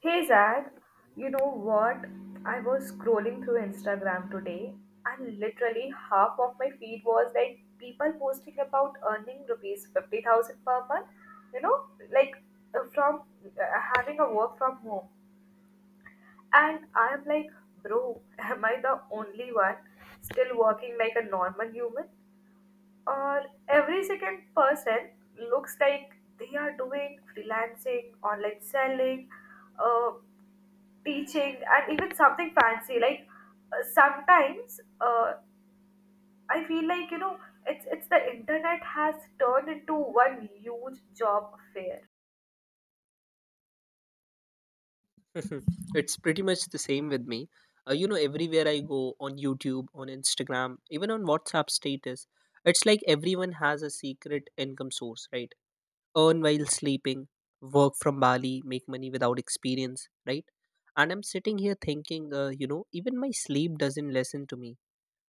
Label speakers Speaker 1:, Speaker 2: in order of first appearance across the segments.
Speaker 1: Hey Zach, you know what? I was scrolling through Instagram today and literally half of my feed was like people posting about earning rupees 50,000 per month, you know, like from uh, having a work from home. And I'm like, bro, am I the only one still working like a normal human? Or every second person looks like they are doing freelancing, online selling. Uh, Teaching and even something fancy like sometimes I feel like it's the internet has turned into one huge job fair.
Speaker 2: Mhm. It's pretty much the same with me. Everywhere I go on YouTube, on Instagram, even on WhatsApp status, it's like everyone has a secret income source, right? Earn while sleeping, work from Bali, make money without experience, right? And I'm sitting here thinking, even my sleep doesn't listen to me.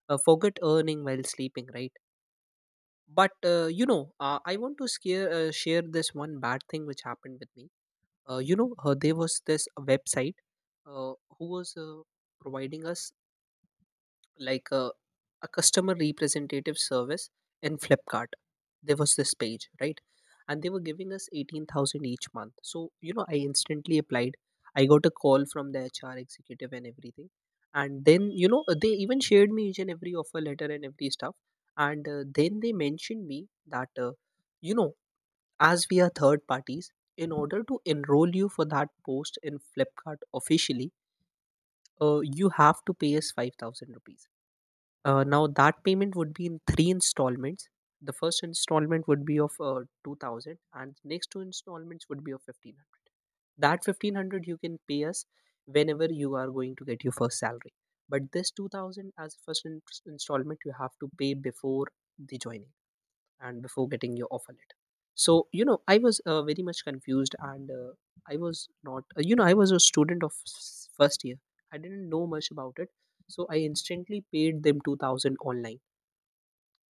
Speaker 2: Forget earning while sleeping, right? But, I want to share this one bad thing which happened with me. There was this website who was providing us like a customer representative service in Flipkart. There was this page, right? And they were giving us 18,000 each month. So, I instantly applied. I got a call from the HR executive and everything. And then, they even shared me each and every offer letter and every stuff. And then they mentioned me that, you know, as we are third parties, in order to enroll you for that post in Flipkart officially, you have to pay us 5,000 rupees. Now that payment would be in three installments. The first installment would be of 2,000, and next two installments would be of 1,500. That 1,500 you can pay us whenever you are going to get your first salary, but this 2,000 as installment you have to pay before the joining and before getting your offer letter. So I was very much confused, and I was not. I was a student of first year. I didn't know much about it, so I instantly paid them 2,000 online.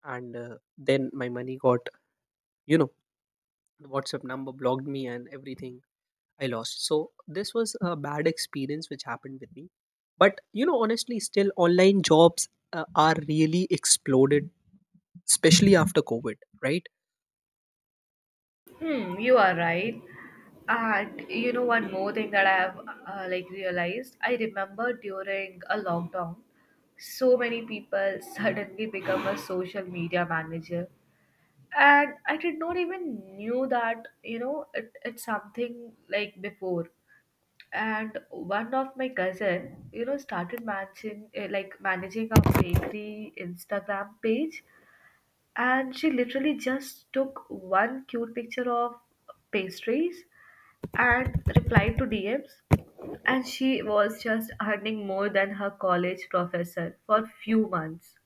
Speaker 2: And then my money got, you know the WhatsApp number blocked me and everything. I lost, so this was a bad experience which happened with me. But honestly, still online jobs are really exploded, especially after COVID, right?
Speaker 1: Hmm, you are right. And you know, one more thing that I have like realized, I remember during a lockdown, so many people suddenly become a social media manager. And I did not even knew that, you know, it's something like before. And one of my cousin, you know, started managing managing a bakery Instagram page, and she literally just took one cute picture of pastries and replied to DMs, and she was just earning more than her college professor for few months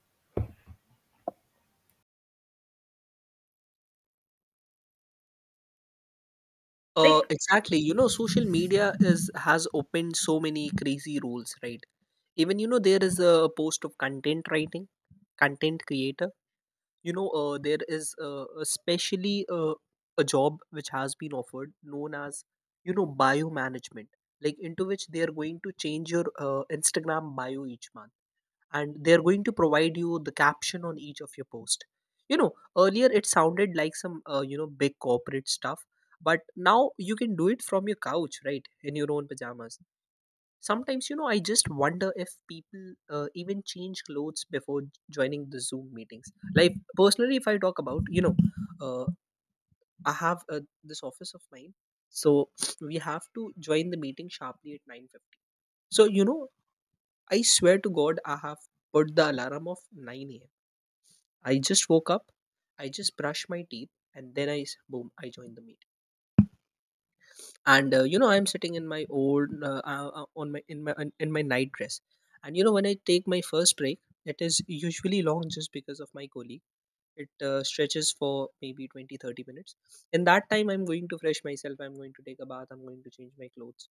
Speaker 1: like.
Speaker 2: Exactly. Social media is has opened so many crazy rules, right? Even there is a post of content writing, content creator. There is especially a job which has been offered known as bio management, like, into which they are going to change your Instagram bio each month, and they're going to provide you the caption on each of your post you know Earlier it sounded like some big corporate stuff, but now you can do it from your couch, right, in your own pajamas. Sometimes I just wonder if people even change clothes before joining the Zoom meetings, like, personally, if I talk about, uh, I have this office of mine. So we have to join the meeting sharply at 9:50. So I swear to God, I have put the alarm of 9 a.m. I just woke up, I just brushed my teeth, and then boom, I joined the meet. And I'm sitting in my old on my in my in my night dress. And when I take my first break, it is usually long just because of my colleague. It stretches for maybe 20, 30 minutes. In that time, I'm going to fresh myself. I'm going to take a bath. I'm going to change my clothes.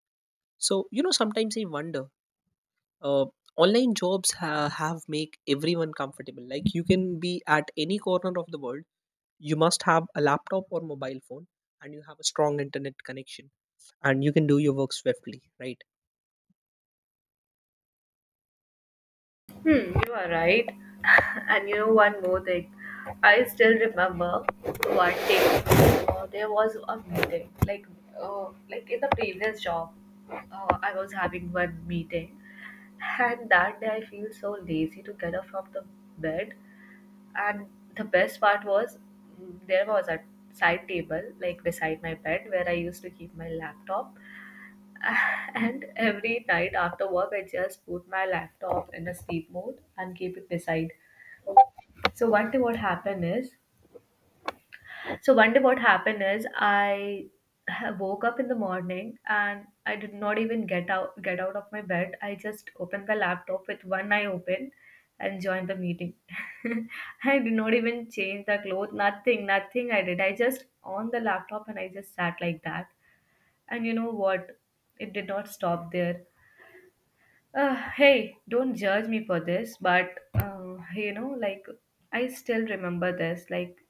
Speaker 2: So, sometimes I wonder. Uh, Online jobs have make everyone comfortable, like, you can be at any corner of the world, you must have a laptop or mobile phone, and you have a strong internet connection, and you can do your work swiftly, right.
Speaker 1: Hmm, you are right. And you know one more thing. I still remember one day there was a meeting. Uh, like in the previous job, I was having one meeting, and that day I feel so lazy to get up from the bed. And the best part was there was a side table like beside my bed where I used to keep my laptop. And every night after work, I just put my laptop in a sleep mode and keep it beside. So one day what happened is, so one day what happened is, I woke up in the morning and I did not even get out of my bed. I just opened the laptop with one eye open and joined the meeting. I did not even change the clothes, nothing, nothing I did. I just on the laptop and I just sat like that. And you know what? It did not stop there. Hey, don't judge me for this, but I still remember this. Like,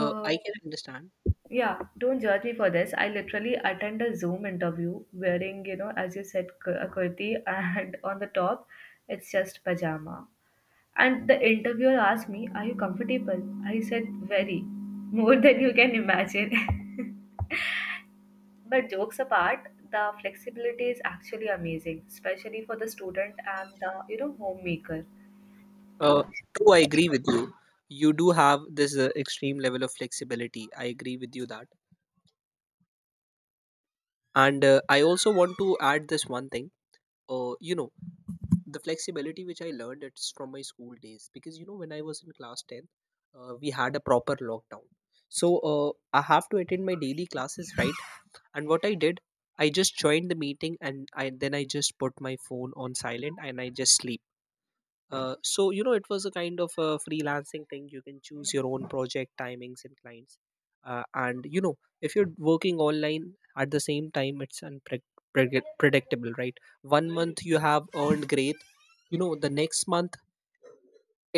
Speaker 2: I can understand.
Speaker 1: yeah, don't judge me for this. I literally attend a Zoom interview wearing, you know, as you said, a kurti, and on the top, it's just pajama. And the interviewer asked me, "Are you comfortable?" I said, "Very, more than you can imagine." But jokes apart, the flexibility is actually amazing, especially for the student and the, you know, homemaker.
Speaker 2: uh, True, I agree with you. You do have this extreme level of flexibility. I agree with you that. And I also want to add this one thing. uh, you know the flexibility which I learned, it's from my school days, because when I was in class 10, we had a proper lockdown. So I have to attend my daily classes, right? And what I did, I just joined the meeting and I then I just put my phone on silent, and I just sleep. So, it was a kind of a freelancing thing. You can choose your own project timings and clients. And if you're working online at the same time, it's predictable, right? One month you have earned great, the next month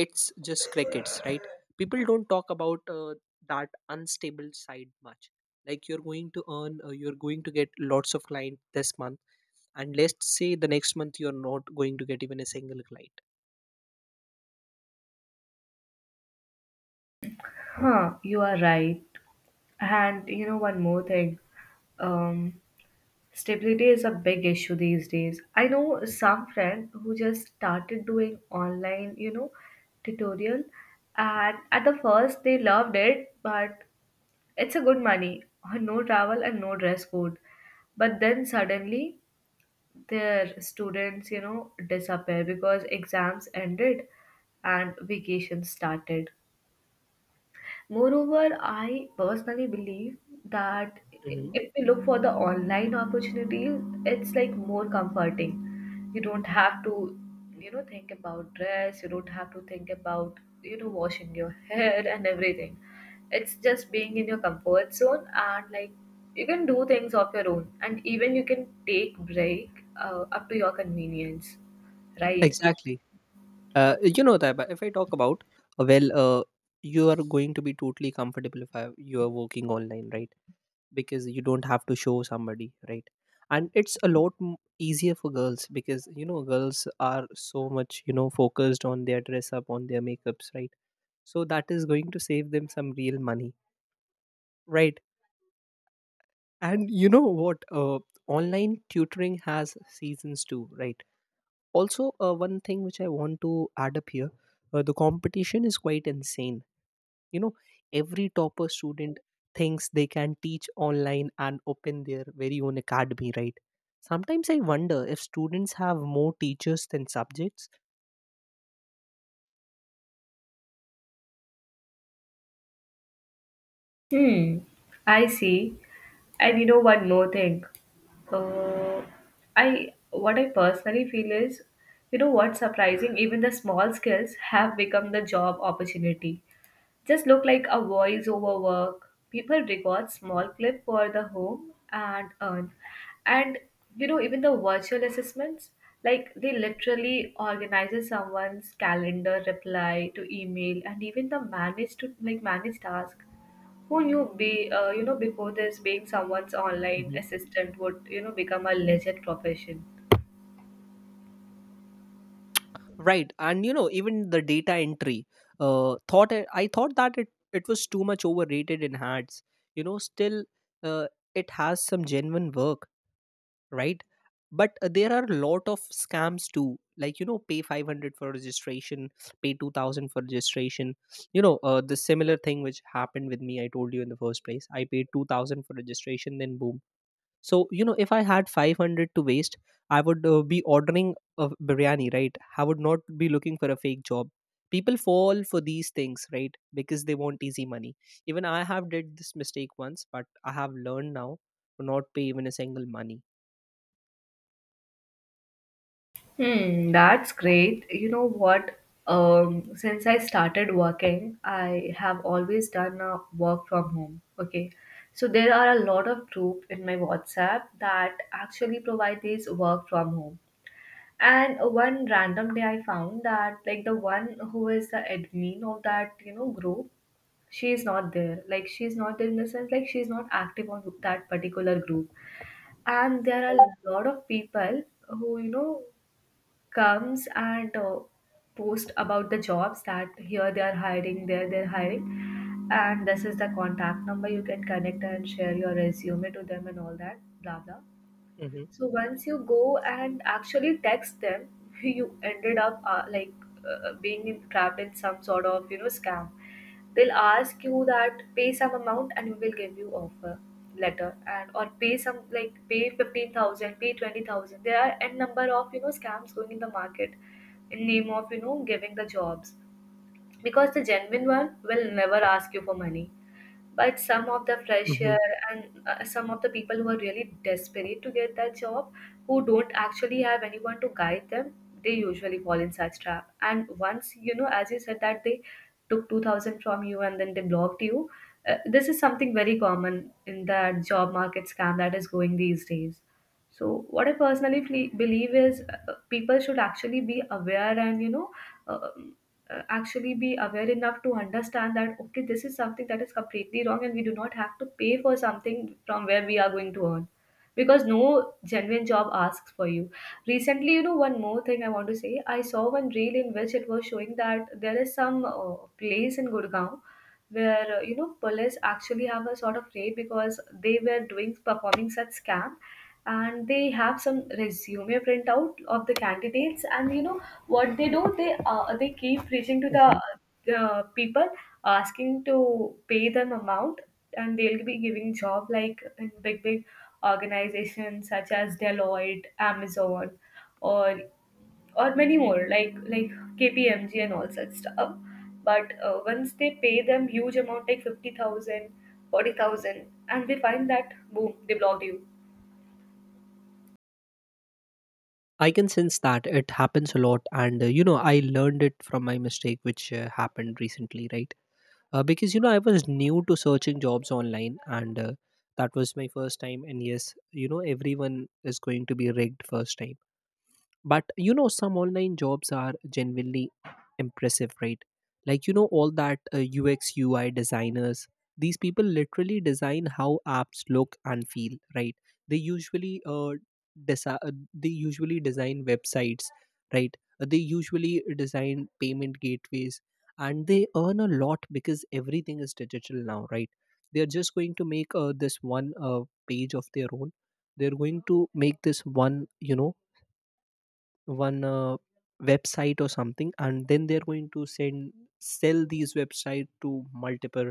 Speaker 2: it's just crickets, right. People don't talk about that unstable side much. Like, you're going to get lots of client this month, and let's say the next month you're not going to get even a single client.
Speaker 1: Huh, you are right. And you know, one more thing. Um, Stability is a big issue these days. I know some friend who just started doing online, you know, tutorial, and at the first they loved it, but it's a good money, no travel and no dress code. But then suddenly their students, you know, disappear because exams ended and vacation started. Moreover, I personally believe that
Speaker 2: Hmm.
Speaker 1: if we look for the online opportunities, it's like more comforting. You don't have to, you know, think about dress, you don't have to think about, you know, washing your hair and everything. It's just being in your comfort zone and like you can do things of your own and even you can take break up to your convenience, right?
Speaker 2: Exactly. You know that, but if I talk about, well, you are going to be totally comfortable, if I, you are working online, right? Because you don't have to show somebody, right. And it's a lot easier for girls, because girls are so much focused on their dress up, on their makeups, right. So that is going to save them some real money, right. And you know what, online tutoring has seasons too, right. Also, one thing which I want to add up here, the competition is quite insane. You know every topper student thinks they can teach online and open their very own academy, right. Sometimes I wonder if students have more teachers than subjects.
Speaker 1: Hmm, I see. And you know one more thing. Uh, I What I personally feel is, you know what's surprising, even the small skills have become the job opportunity, just look like a voiceover work. People record small clip for the home and earn. And you know, even the virtual assessments, like they literally organizes someone's calendar, reply to email, and even the manage to like manage task. Who knew be you know, before this, being someone's online
Speaker 2: Mhm.
Speaker 1: assistant would, you know, become a legit profession?
Speaker 2: Right. And even the data entry, thought I thought that it was too much overrated in hats, still uh, it has some genuine work, right. But there are a lot of scams too. Like, pay 500 for registration, pay 2,000 for registration. The similar thing which happened with me, I told you, in the first place I paid 2,000 for registration, then boom. So if I had 500 to waste, I would be ordering a biryani, right. I would not be looking for a fake job. People fall for these things, right, because they want easy money. Even I have did this mistake once, but I have learned now to not pay even a single money.
Speaker 1: Hmm, that's great. You know what? Since I started working, I have always done a work from home. Okay. So there are a lot of group in my WhatsApp that actually provide this work from home. And one random day I found that like the one who is the admin of that, you know, group, she is not there. Like she's not there in the sense like she's not active on that particular group. And there are a lot of people who, you know, comes and post about the jobs that here they are hiring, there they're hiring, and this is the contact number you can connect and share your resume to them and all that, blah blah.
Speaker 2: Mhm,
Speaker 1: So once you go and actually text them, you ended up being in, trapped in some sort of, you know, scam. They'll ask you that pay some amount and we will give you offer letter, and or pay some like pay 15,000, pay 20,000. There are n number of, you know, scams going in the market in name of, you know, giving the jobs, because the genuine one will never ask you for money. But some of the fresher
Speaker 2: mhm,
Speaker 1: and some of the people who are really desperate to get that job, who don't actually have anyone to guide them, they usually fall in such trap. And once, you know, as you said that they took 2000 from you and then they blocked you, this is something very common in that job market scam that is going these days. So what I personally believe is, people should actually be aware and, you know, uh, actually be aware enough to understand that okay, this is something that is completely wrong, and we do not have to pay for something from where we are going to earn, because no genuine job asks for you. Recently, you know, one more thing I want to say, I saw one reel in which it was showing that there is some place in Gurgaon where, you know, police actually have a sort of raid because they were doing performing such scam, and they have some resume printout of the candidates. And you know what they do, they keep reaching to
Speaker 2: mhm.
Speaker 1: the people, asking to pay them amount, and they'll be giving job like in big big organizations such as Deloitte, Amazon, or or many more like KPMG and all such stuff. But once they pay them huge amount like 50,000, 40,000, and they find that boom, they blocked you.
Speaker 2: I can sense that it happens a lot, and I learned it from my mistake, which happened recently, right? Because I was new to searching jobs online, and that was my first time. And yes, everyone is going to be rigged first time. But some online jobs are genuinely impressive, right. Like, all that UX UI designers, these people literally design how apps look and feel, right. They desi- uh, usually design websites, right. They usually design payment gateways, and they earn a lot because everything is digital now, right. They are just going to make this one page of their own. They're going to make this one, you know one website or something, and then they're going to send sell these website to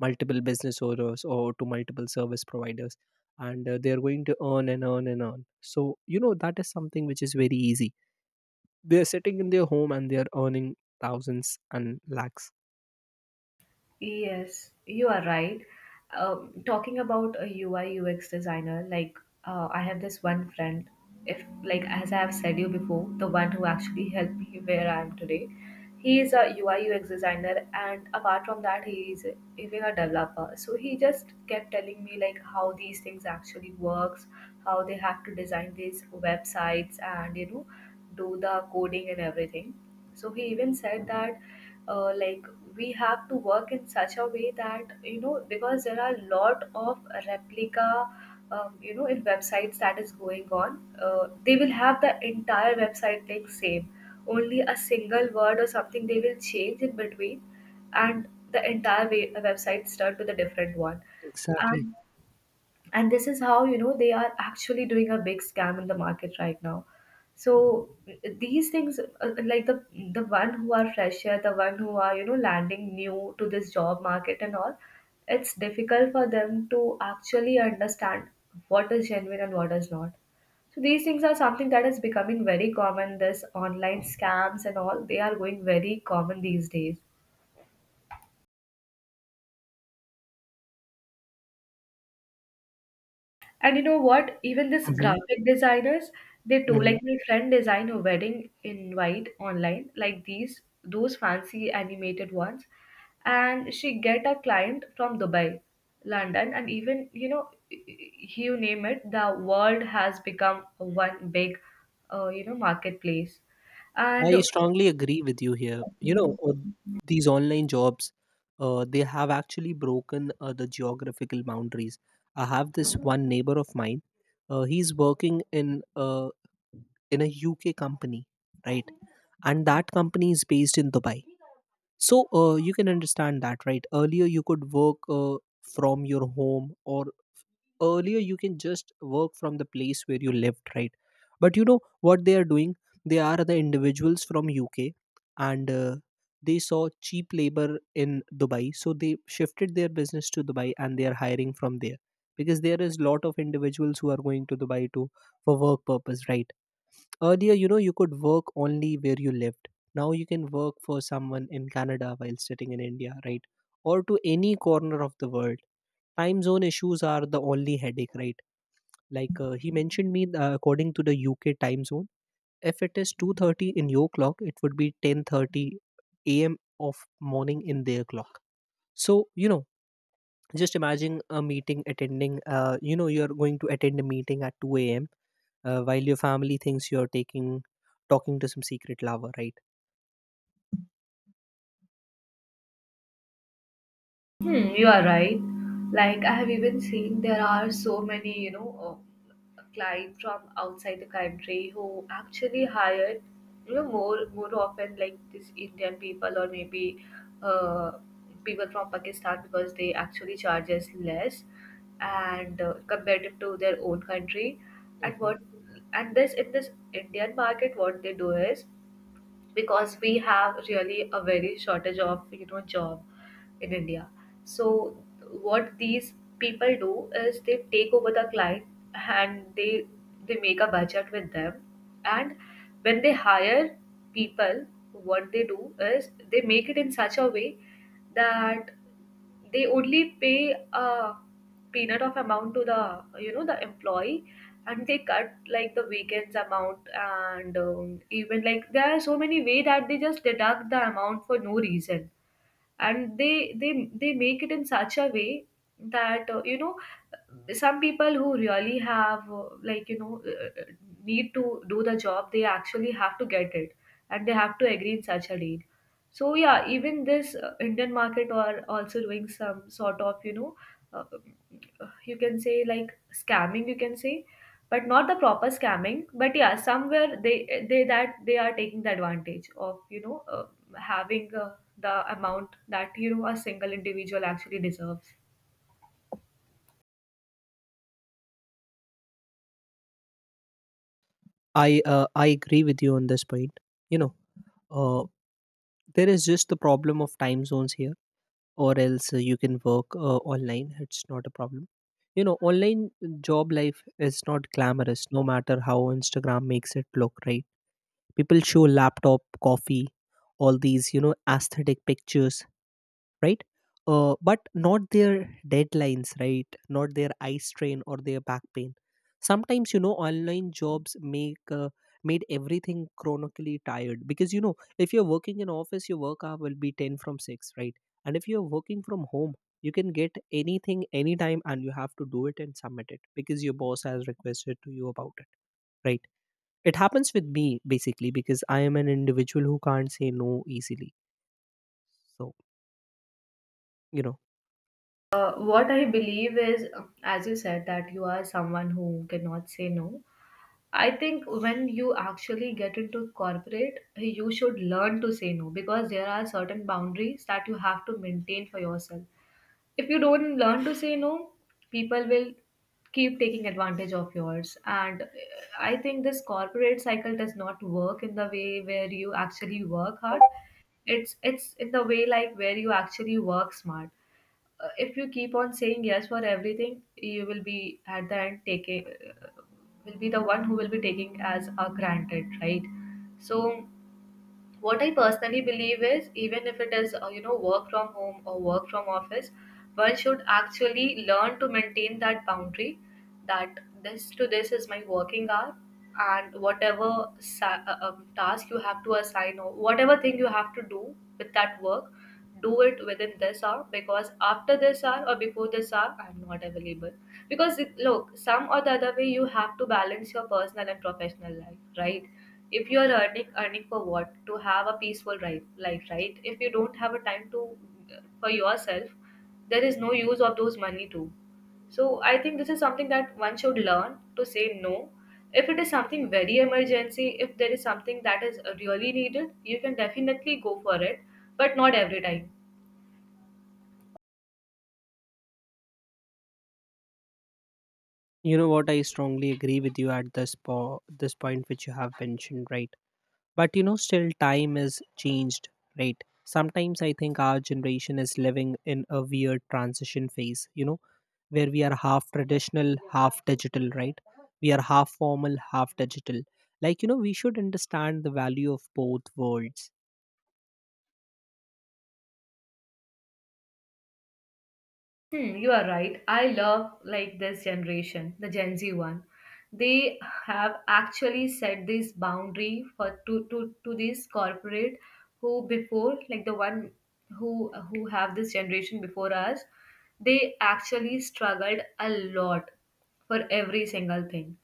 Speaker 2: multiple business owners or to multiple service providers. And they're going to earn and earn and earn. So that is something which is very easy. They're sitting in their home and they're earning thousands and lakhs.
Speaker 1: Yes, you are right. Talking about a UI UX designer, like I have this one friend, if like as I have said you before, the one who actually helped me where I am today. He is a UI UX designer, and apart from that, he is even a developer. So he just kept telling me like how these things actually works, how they have to design these websites, and you know, do the coding and everything. So he even said that uh, like we have to work in such a way that, you know, because there are a lot of replica, you know, in websites that is going on. They will have the entire website like same, only a single word or something they will change in between, and the entire way, website start with a different one.
Speaker 2: Exactly.
Speaker 1: And and this is how, you know, they are actually doing a big scam in the market right now. So these things, the one who are fresher, the one who are, you know, landing new to this job market and all, it's difficult for them to actually understand what is genuine and what is not. So these things are something that is becoming very common, this online scams and all, they are going very common these days. And you know what? Even this
Speaker 2: Mhm,
Speaker 1: graphic designers, they too,
Speaker 2: mhm.
Speaker 1: like my friend designed a wedding invite online, like these, those fancy animated ones. And she get a client from Dubai, London, and even, you know, you name it, the world has become one big, you know, marketplace. And
Speaker 2: I strongly agree with you here. These online jobs, they have actually broken the geographical boundaries. I have this one neighbor of mine. He's working in a UK company, right? And that company is based in Dubai. So you can understand that, right? Earlier, you could work from your home, or earlier you can just work from the place where you lived, right. But you know what they are doing. They are the individuals from UK, and they saw cheap labor in Dubai, so they shifted their business to Dubai and they are hiring from there, because there is lot of individuals who are going to Dubai to, for work purpose, right. Earlier, you could work only where you lived. Now you can work for someone in Canada while sitting in India, right? Or to any corner of the world. Time zone issues are the only headache, right? Like, he mentioned me, according to the UK time zone, if it is 2:30 in your clock, it would be 10:30 a.m. of morning in their clock. So you know just imagine a meeting attending you know you're going to attend a meeting at 2 a.m., while your family thinks you're taking talking to some secret lover, right.
Speaker 1: hmm, you are right. Like I have even seen there are so many, you know, clients from outside the country who actually hired, you know, more often like this Indian people or maybe uh, people from Pakistan because they actually charge us less and compared to their own country. And
Speaker 2: Mhm.
Speaker 1: what and this in this Indian market, what they do is, because we have really a very shortage of, you know, job in India. So what these people do is they take over the client and they make a budget with them, and when they hire people, what they do is they make it in such a way that they only pay a peanut of amount to the the employee, and they cut like the weekends amount, and even like there are so many way that they just deduct the amount for no reason. And they make it in such a way that some people who really have need to do the job, they actually have to get it and they have to agree in such a deal. So yeah, even this Indian market are also doing some sort of, uh, you can say, like scamming, you can say, but not the proper scamming, but yeah, somewhere they that they are taking the advantage of, having the amount that a single individual actually deserves.
Speaker 2: I agree with you on this point. you know uh, there is just the problem of time zones here. Or else, you can work online. It's not a problem. Online job life is not glamorous, no matter how Instagram makes it look, right? People show laptop, coffee, all these aesthetic pictures, right? But not their deadlines, right? Not their eye strain or their back pain. Sometimes, you know, online jobs make made everything chronically tired, because you know if you're working in office your work hour will be 10 from 6, right? And if you're working from home, you can get anything anytime and you have to do it and submit it because your boss has requested to you about it, right? It happens with me basically because I am an individual who can't say no easily. So you know
Speaker 1: What I believe is, as you said that you are someone who cannot say no, I think when you actually get into corporate, you should learn to say no because there are certain boundaries that you have to maintain for yourself. If you don't learn to say no, people will keep taking advantage of yours. And I think this corporate cycle does not work in the way where you actually work hard. It's in the way like where you actually work smart. If you keep on saying yes for everything, you will be at the end taking will be the one who will be taking as a granted, right? So what I personally believe is, even if it is work from home or work from office, one should actually learn to maintain that boundary that this to this is my working hour, and whatever task you have to assign or whatever thing you have to do with that work, do it within this hour, because after this hour or before this hour, I'm not available. Because it, look, some or the other way you have to balance your personal and professional life, right? If you are earning, earning for what, to have a peaceful life, life, right? If you don't have a time to, for yourself, there is no use of those money too. So I think this is something that one should learn to say no. If it is something very emergency, if there is something that is really needed, you can definitely go for it, but not every time.
Speaker 2: You know what? I strongly agree with you at this this point which you have mentioned, right? But still time is changed, right? Sometimes I think our generation is living in a weird transition phase, where we are half traditional, half digital, right? We are half formal, half digital. Like, we should understand the value of both worlds.
Speaker 1: Hmm, you are right. I love like this generation, the Gen Z one. They have actually set this boundary for to these corporate who before, like the one who who have this generation before us, they actually struggled a lot for every single thing.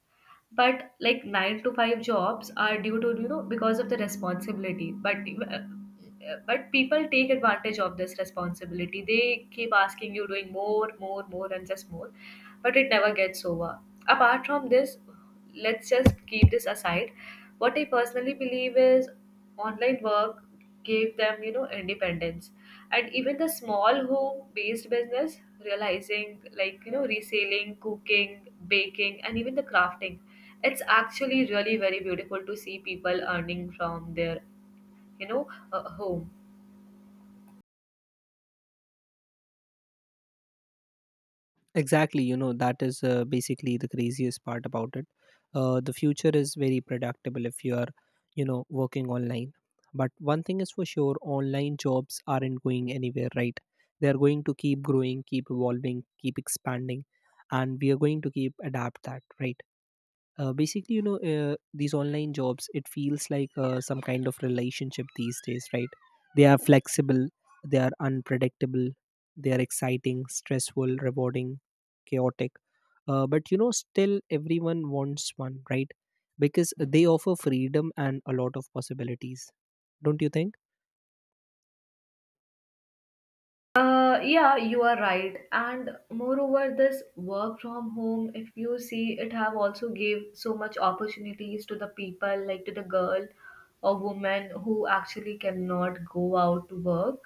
Speaker 1: But like 9 to 5 jobs are due to, you know, because of the responsibility, uh, but people take advantage of this responsibility, they keep asking you, doing more, more, more and just more, but it never gets over. Apart from this, let's just keep this aside. What I personally believe is online work gave them, you know, independence, and even the small home based business realizing, like you know, reselling, cooking, baking and even the crafting. It's actually really very beautiful to see people earning from their, you know home.
Speaker 2: Exactly. That is basically the craziest part about it. The future is very predictable if you are, working online. But one thing is for sure, online jobs aren't going anywhere, right? They are going to keep growing, keep evolving, keep expanding, and we are going to keep adapt that, right? Basically, these online jobs, it feels like some kind of relationship these days, right? They are flexible. They are unpredictable. They are exciting, stressful, rewarding, chaotic. But you know, still everyone wants one, right? Because they offer freedom and a lot of possibilities. Don't you think?
Speaker 1: Yeah, you are right. And moreover, this work from home, if you see, it have also gave so much opportunities to the people, like to the girl or woman who actually cannot go out to work.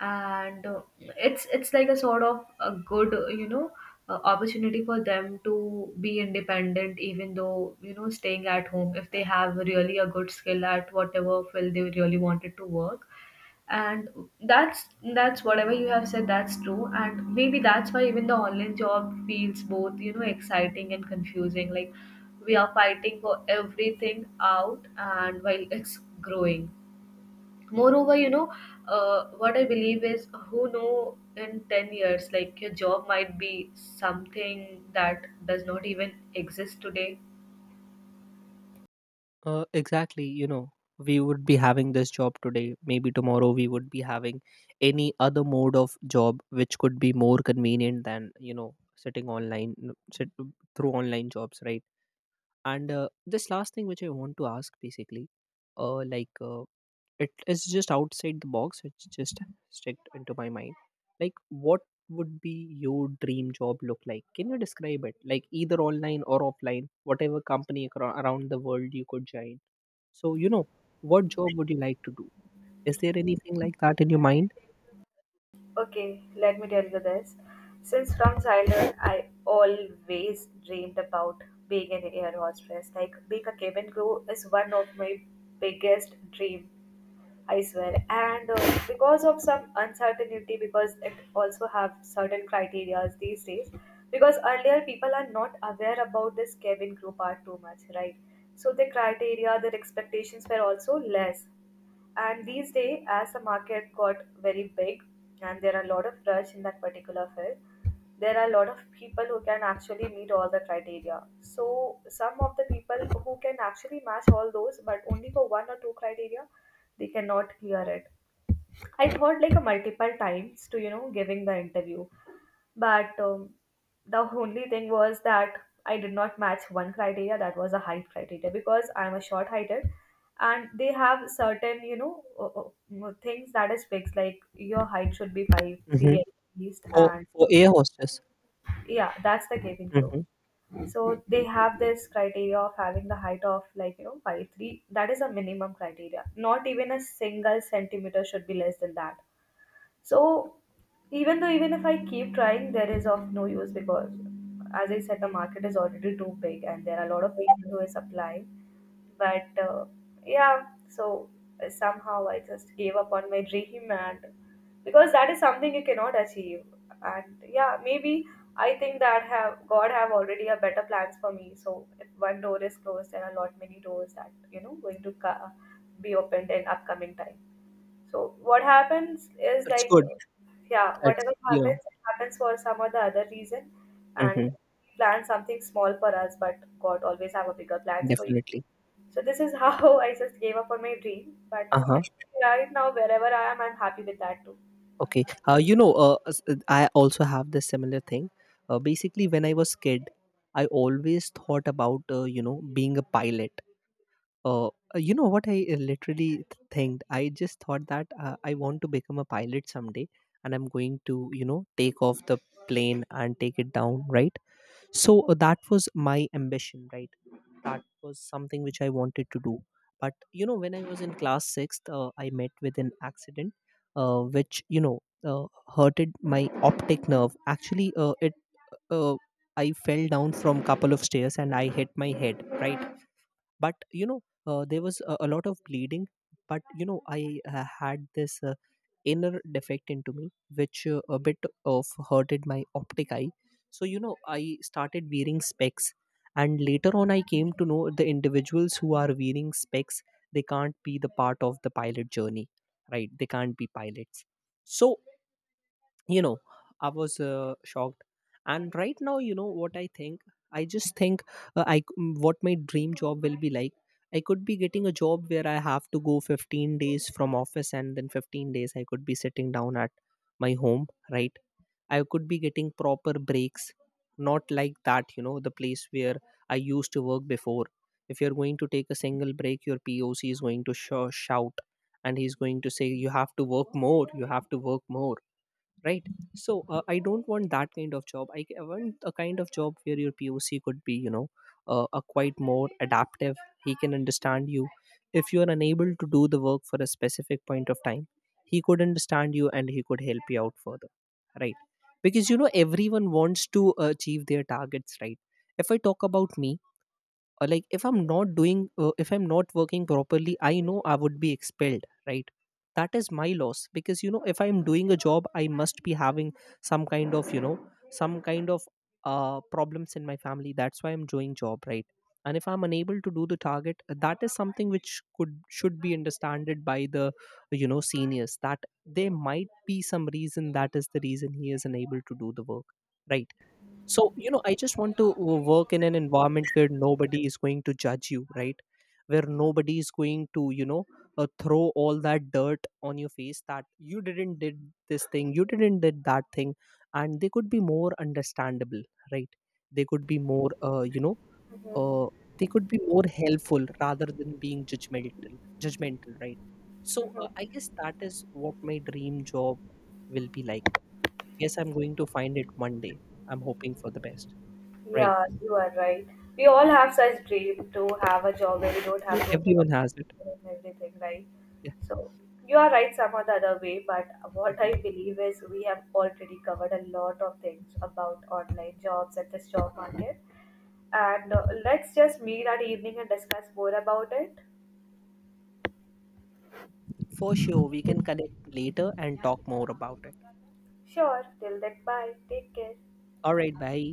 Speaker 1: And it's like a sort of a good, you know, opportunity for them to be independent, even though, you know, staying at home, if they have really a good skill at whatever field they really wanted to work, and that's that's whatever you have said, that's true. And maybe that's why even the online job feels both, you know, exciting and confusing. Like, we are fighting for everything out and while it's growing. Moreover, you know, what I believe is, who know, in 10 years, like your job might be something that does not even exist today.
Speaker 2: Exactly, we would be having this job today. Maybe tomorrow we would be having any other mode of job which could be more convenient than, sitting online through online jobs, right? And this last thing which I want to ask basically. Like, it is just outside the box. It's just stuck into my mind. Like, what would be your dream job look like? Can you describe it? Like, either online or offline, whatever company around the world you could join. So, what job would you like to do? Is there anything like that in your mind?
Speaker 1: Okay, let me tell you this. Since from childhood, I always dreamed about being an air hostess. Like being a cabin crew is one of my biggest dream, I swear. And because of some uncertainty, because it also have certain criterias these days. Because earlier people are not aware about this cabin crew part too much, right? So the criteria, their expectations were also less. And these days, as the market got very big and there are a lot of rush in that particular field, there are a lot of people who can actually meet all the criteria. So some of the people who can actually match all those, but only for one or two criteria, they cannot clear it. I thought like a multiple times to, you know, giving the interview, but the only thing was that I did not match one criteria, that was a height criteria, because I'm a short heighted, and they have certain, you know, things that is fixed, like your height should be five
Speaker 2: Hmm.
Speaker 1: three at least,
Speaker 2: For
Speaker 1: and
Speaker 2: for air hostess?
Speaker 1: yeah, that's the cabin crew.
Speaker 2: Hmm.
Speaker 1: So they have this criteria of having the height of, like you know, 5'3", that is a minimum criteria, not even a single centimeter should be less than that. So even though, even if I keep trying, there is of no use, because as I said, the market is already too big and there are a lot of people who is applying. But yeah, so somehow I just gave up on my dream, and because that is something you cannot achieve. And yeah, maybe I think that have God have already a better plans for me. So if one door is closed, there are a lot many doors that, you know, going to ca- be opened in upcoming time. So what happens is
Speaker 2: It's
Speaker 1: like,
Speaker 2: good.
Speaker 1: yeah,
Speaker 2: That's,
Speaker 1: whatever
Speaker 2: you know.
Speaker 1: happens, it happens for some or the other reason, and
Speaker 2: Hmm.
Speaker 1: we plan something small for us, but God always have a bigger plans for you.
Speaker 2: Definitely.
Speaker 1: So this is how I just gave up on my dream, but
Speaker 2: Uh huh.
Speaker 1: it's right now, wherever I am, I'm happy with that too.
Speaker 2: Okay. I also have the similar thing. Basically, when I was kid, I always thought about being a pilot. Uh, you know what I literally think? I just thought that I want to become a pilot someday, and I'm going to take off the plane and take it down, right? So that was my ambition, right? That was something which I wanted to do. But you know, when I was in class 6th, I met with an accident, which hurted my optic nerve actually. It uh, I fell down from couple of stairs and I hit my head, right? But you know, there was a lot of bleeding. But you know, I had this inner defect into me, which a bit of hurted my optic eye. So you know, I started wearing specs, and later on I came to know the individuals who are wearing specs, they can't be the part of the pilot journey, right? They can't be pilots. So you know, I was shocked. And right now, you know what I think? I just think, what my dream job will be like. I could be getting a job where I have to go 15 days from office and then 15 days I could be sitting down at my home, right? I could be getting proper breaks, not like that, you know, the place where I used to work before. If you're going to take a single break, your poc is going to shout, and he's going to say you have to work more, you have to work more, right? So I don't want that kind of job. I want a kind of job where your poc could be, you know, a quite more adaptive. He can understand you. If you are unable to do the work for a specific point of time, he could understand you and he could help you out further, right? Because you know, everyone wants to achieve their targets, right? If I talk about me, or like, if I'm not doing if I'm not working properly, I know I would be expelled, right? That is my loss, because you know, if I'm doing a job, I must be having some kind of, some kind of problems in my family. That's why I'm doing job, right? And if I'm unable to do the target, that is something which could should be understood by the, you know, seniors, that there might be some reason that is the reason he is unable to do the work, right? So you know, I just want to work in an environment where nobody is going to judge you, right? Where nobody is going to, throw all that dirt on your face, that you didn't did this thing, you didn't did that thing. And they could be more understandable, right? they could be more uh, you know uh,
Speaker 1: Hmm.
Speaker 2: they could be more helpful rather than being judgmental, right? So I guess that is what my dream job will be like. Yes, I'm going to find it one day. I'm hoping for the best. Right.
Speaker 1: Yeah, you are right. We all have such dream to have a job where we don't have
Speaker 2: Well,
Speaker 1: to make up
Speaker 2: everyone has it.
Speaker 1: and everything, right?
Speaker 2: Yeah.
Speaker 1: So you are right some or the other way, but what I
Speaker 2: Mhm.
Speaker 1: believe is we have already covered a lot of things about online jobs and this job market. And let's just meet that evening and discuss more about it.
Speaker 2: For sure, we can connect later and talk more about it.
Speaker 1: Sure, till then, bye. Take care.
Speaker 2: All right, bye.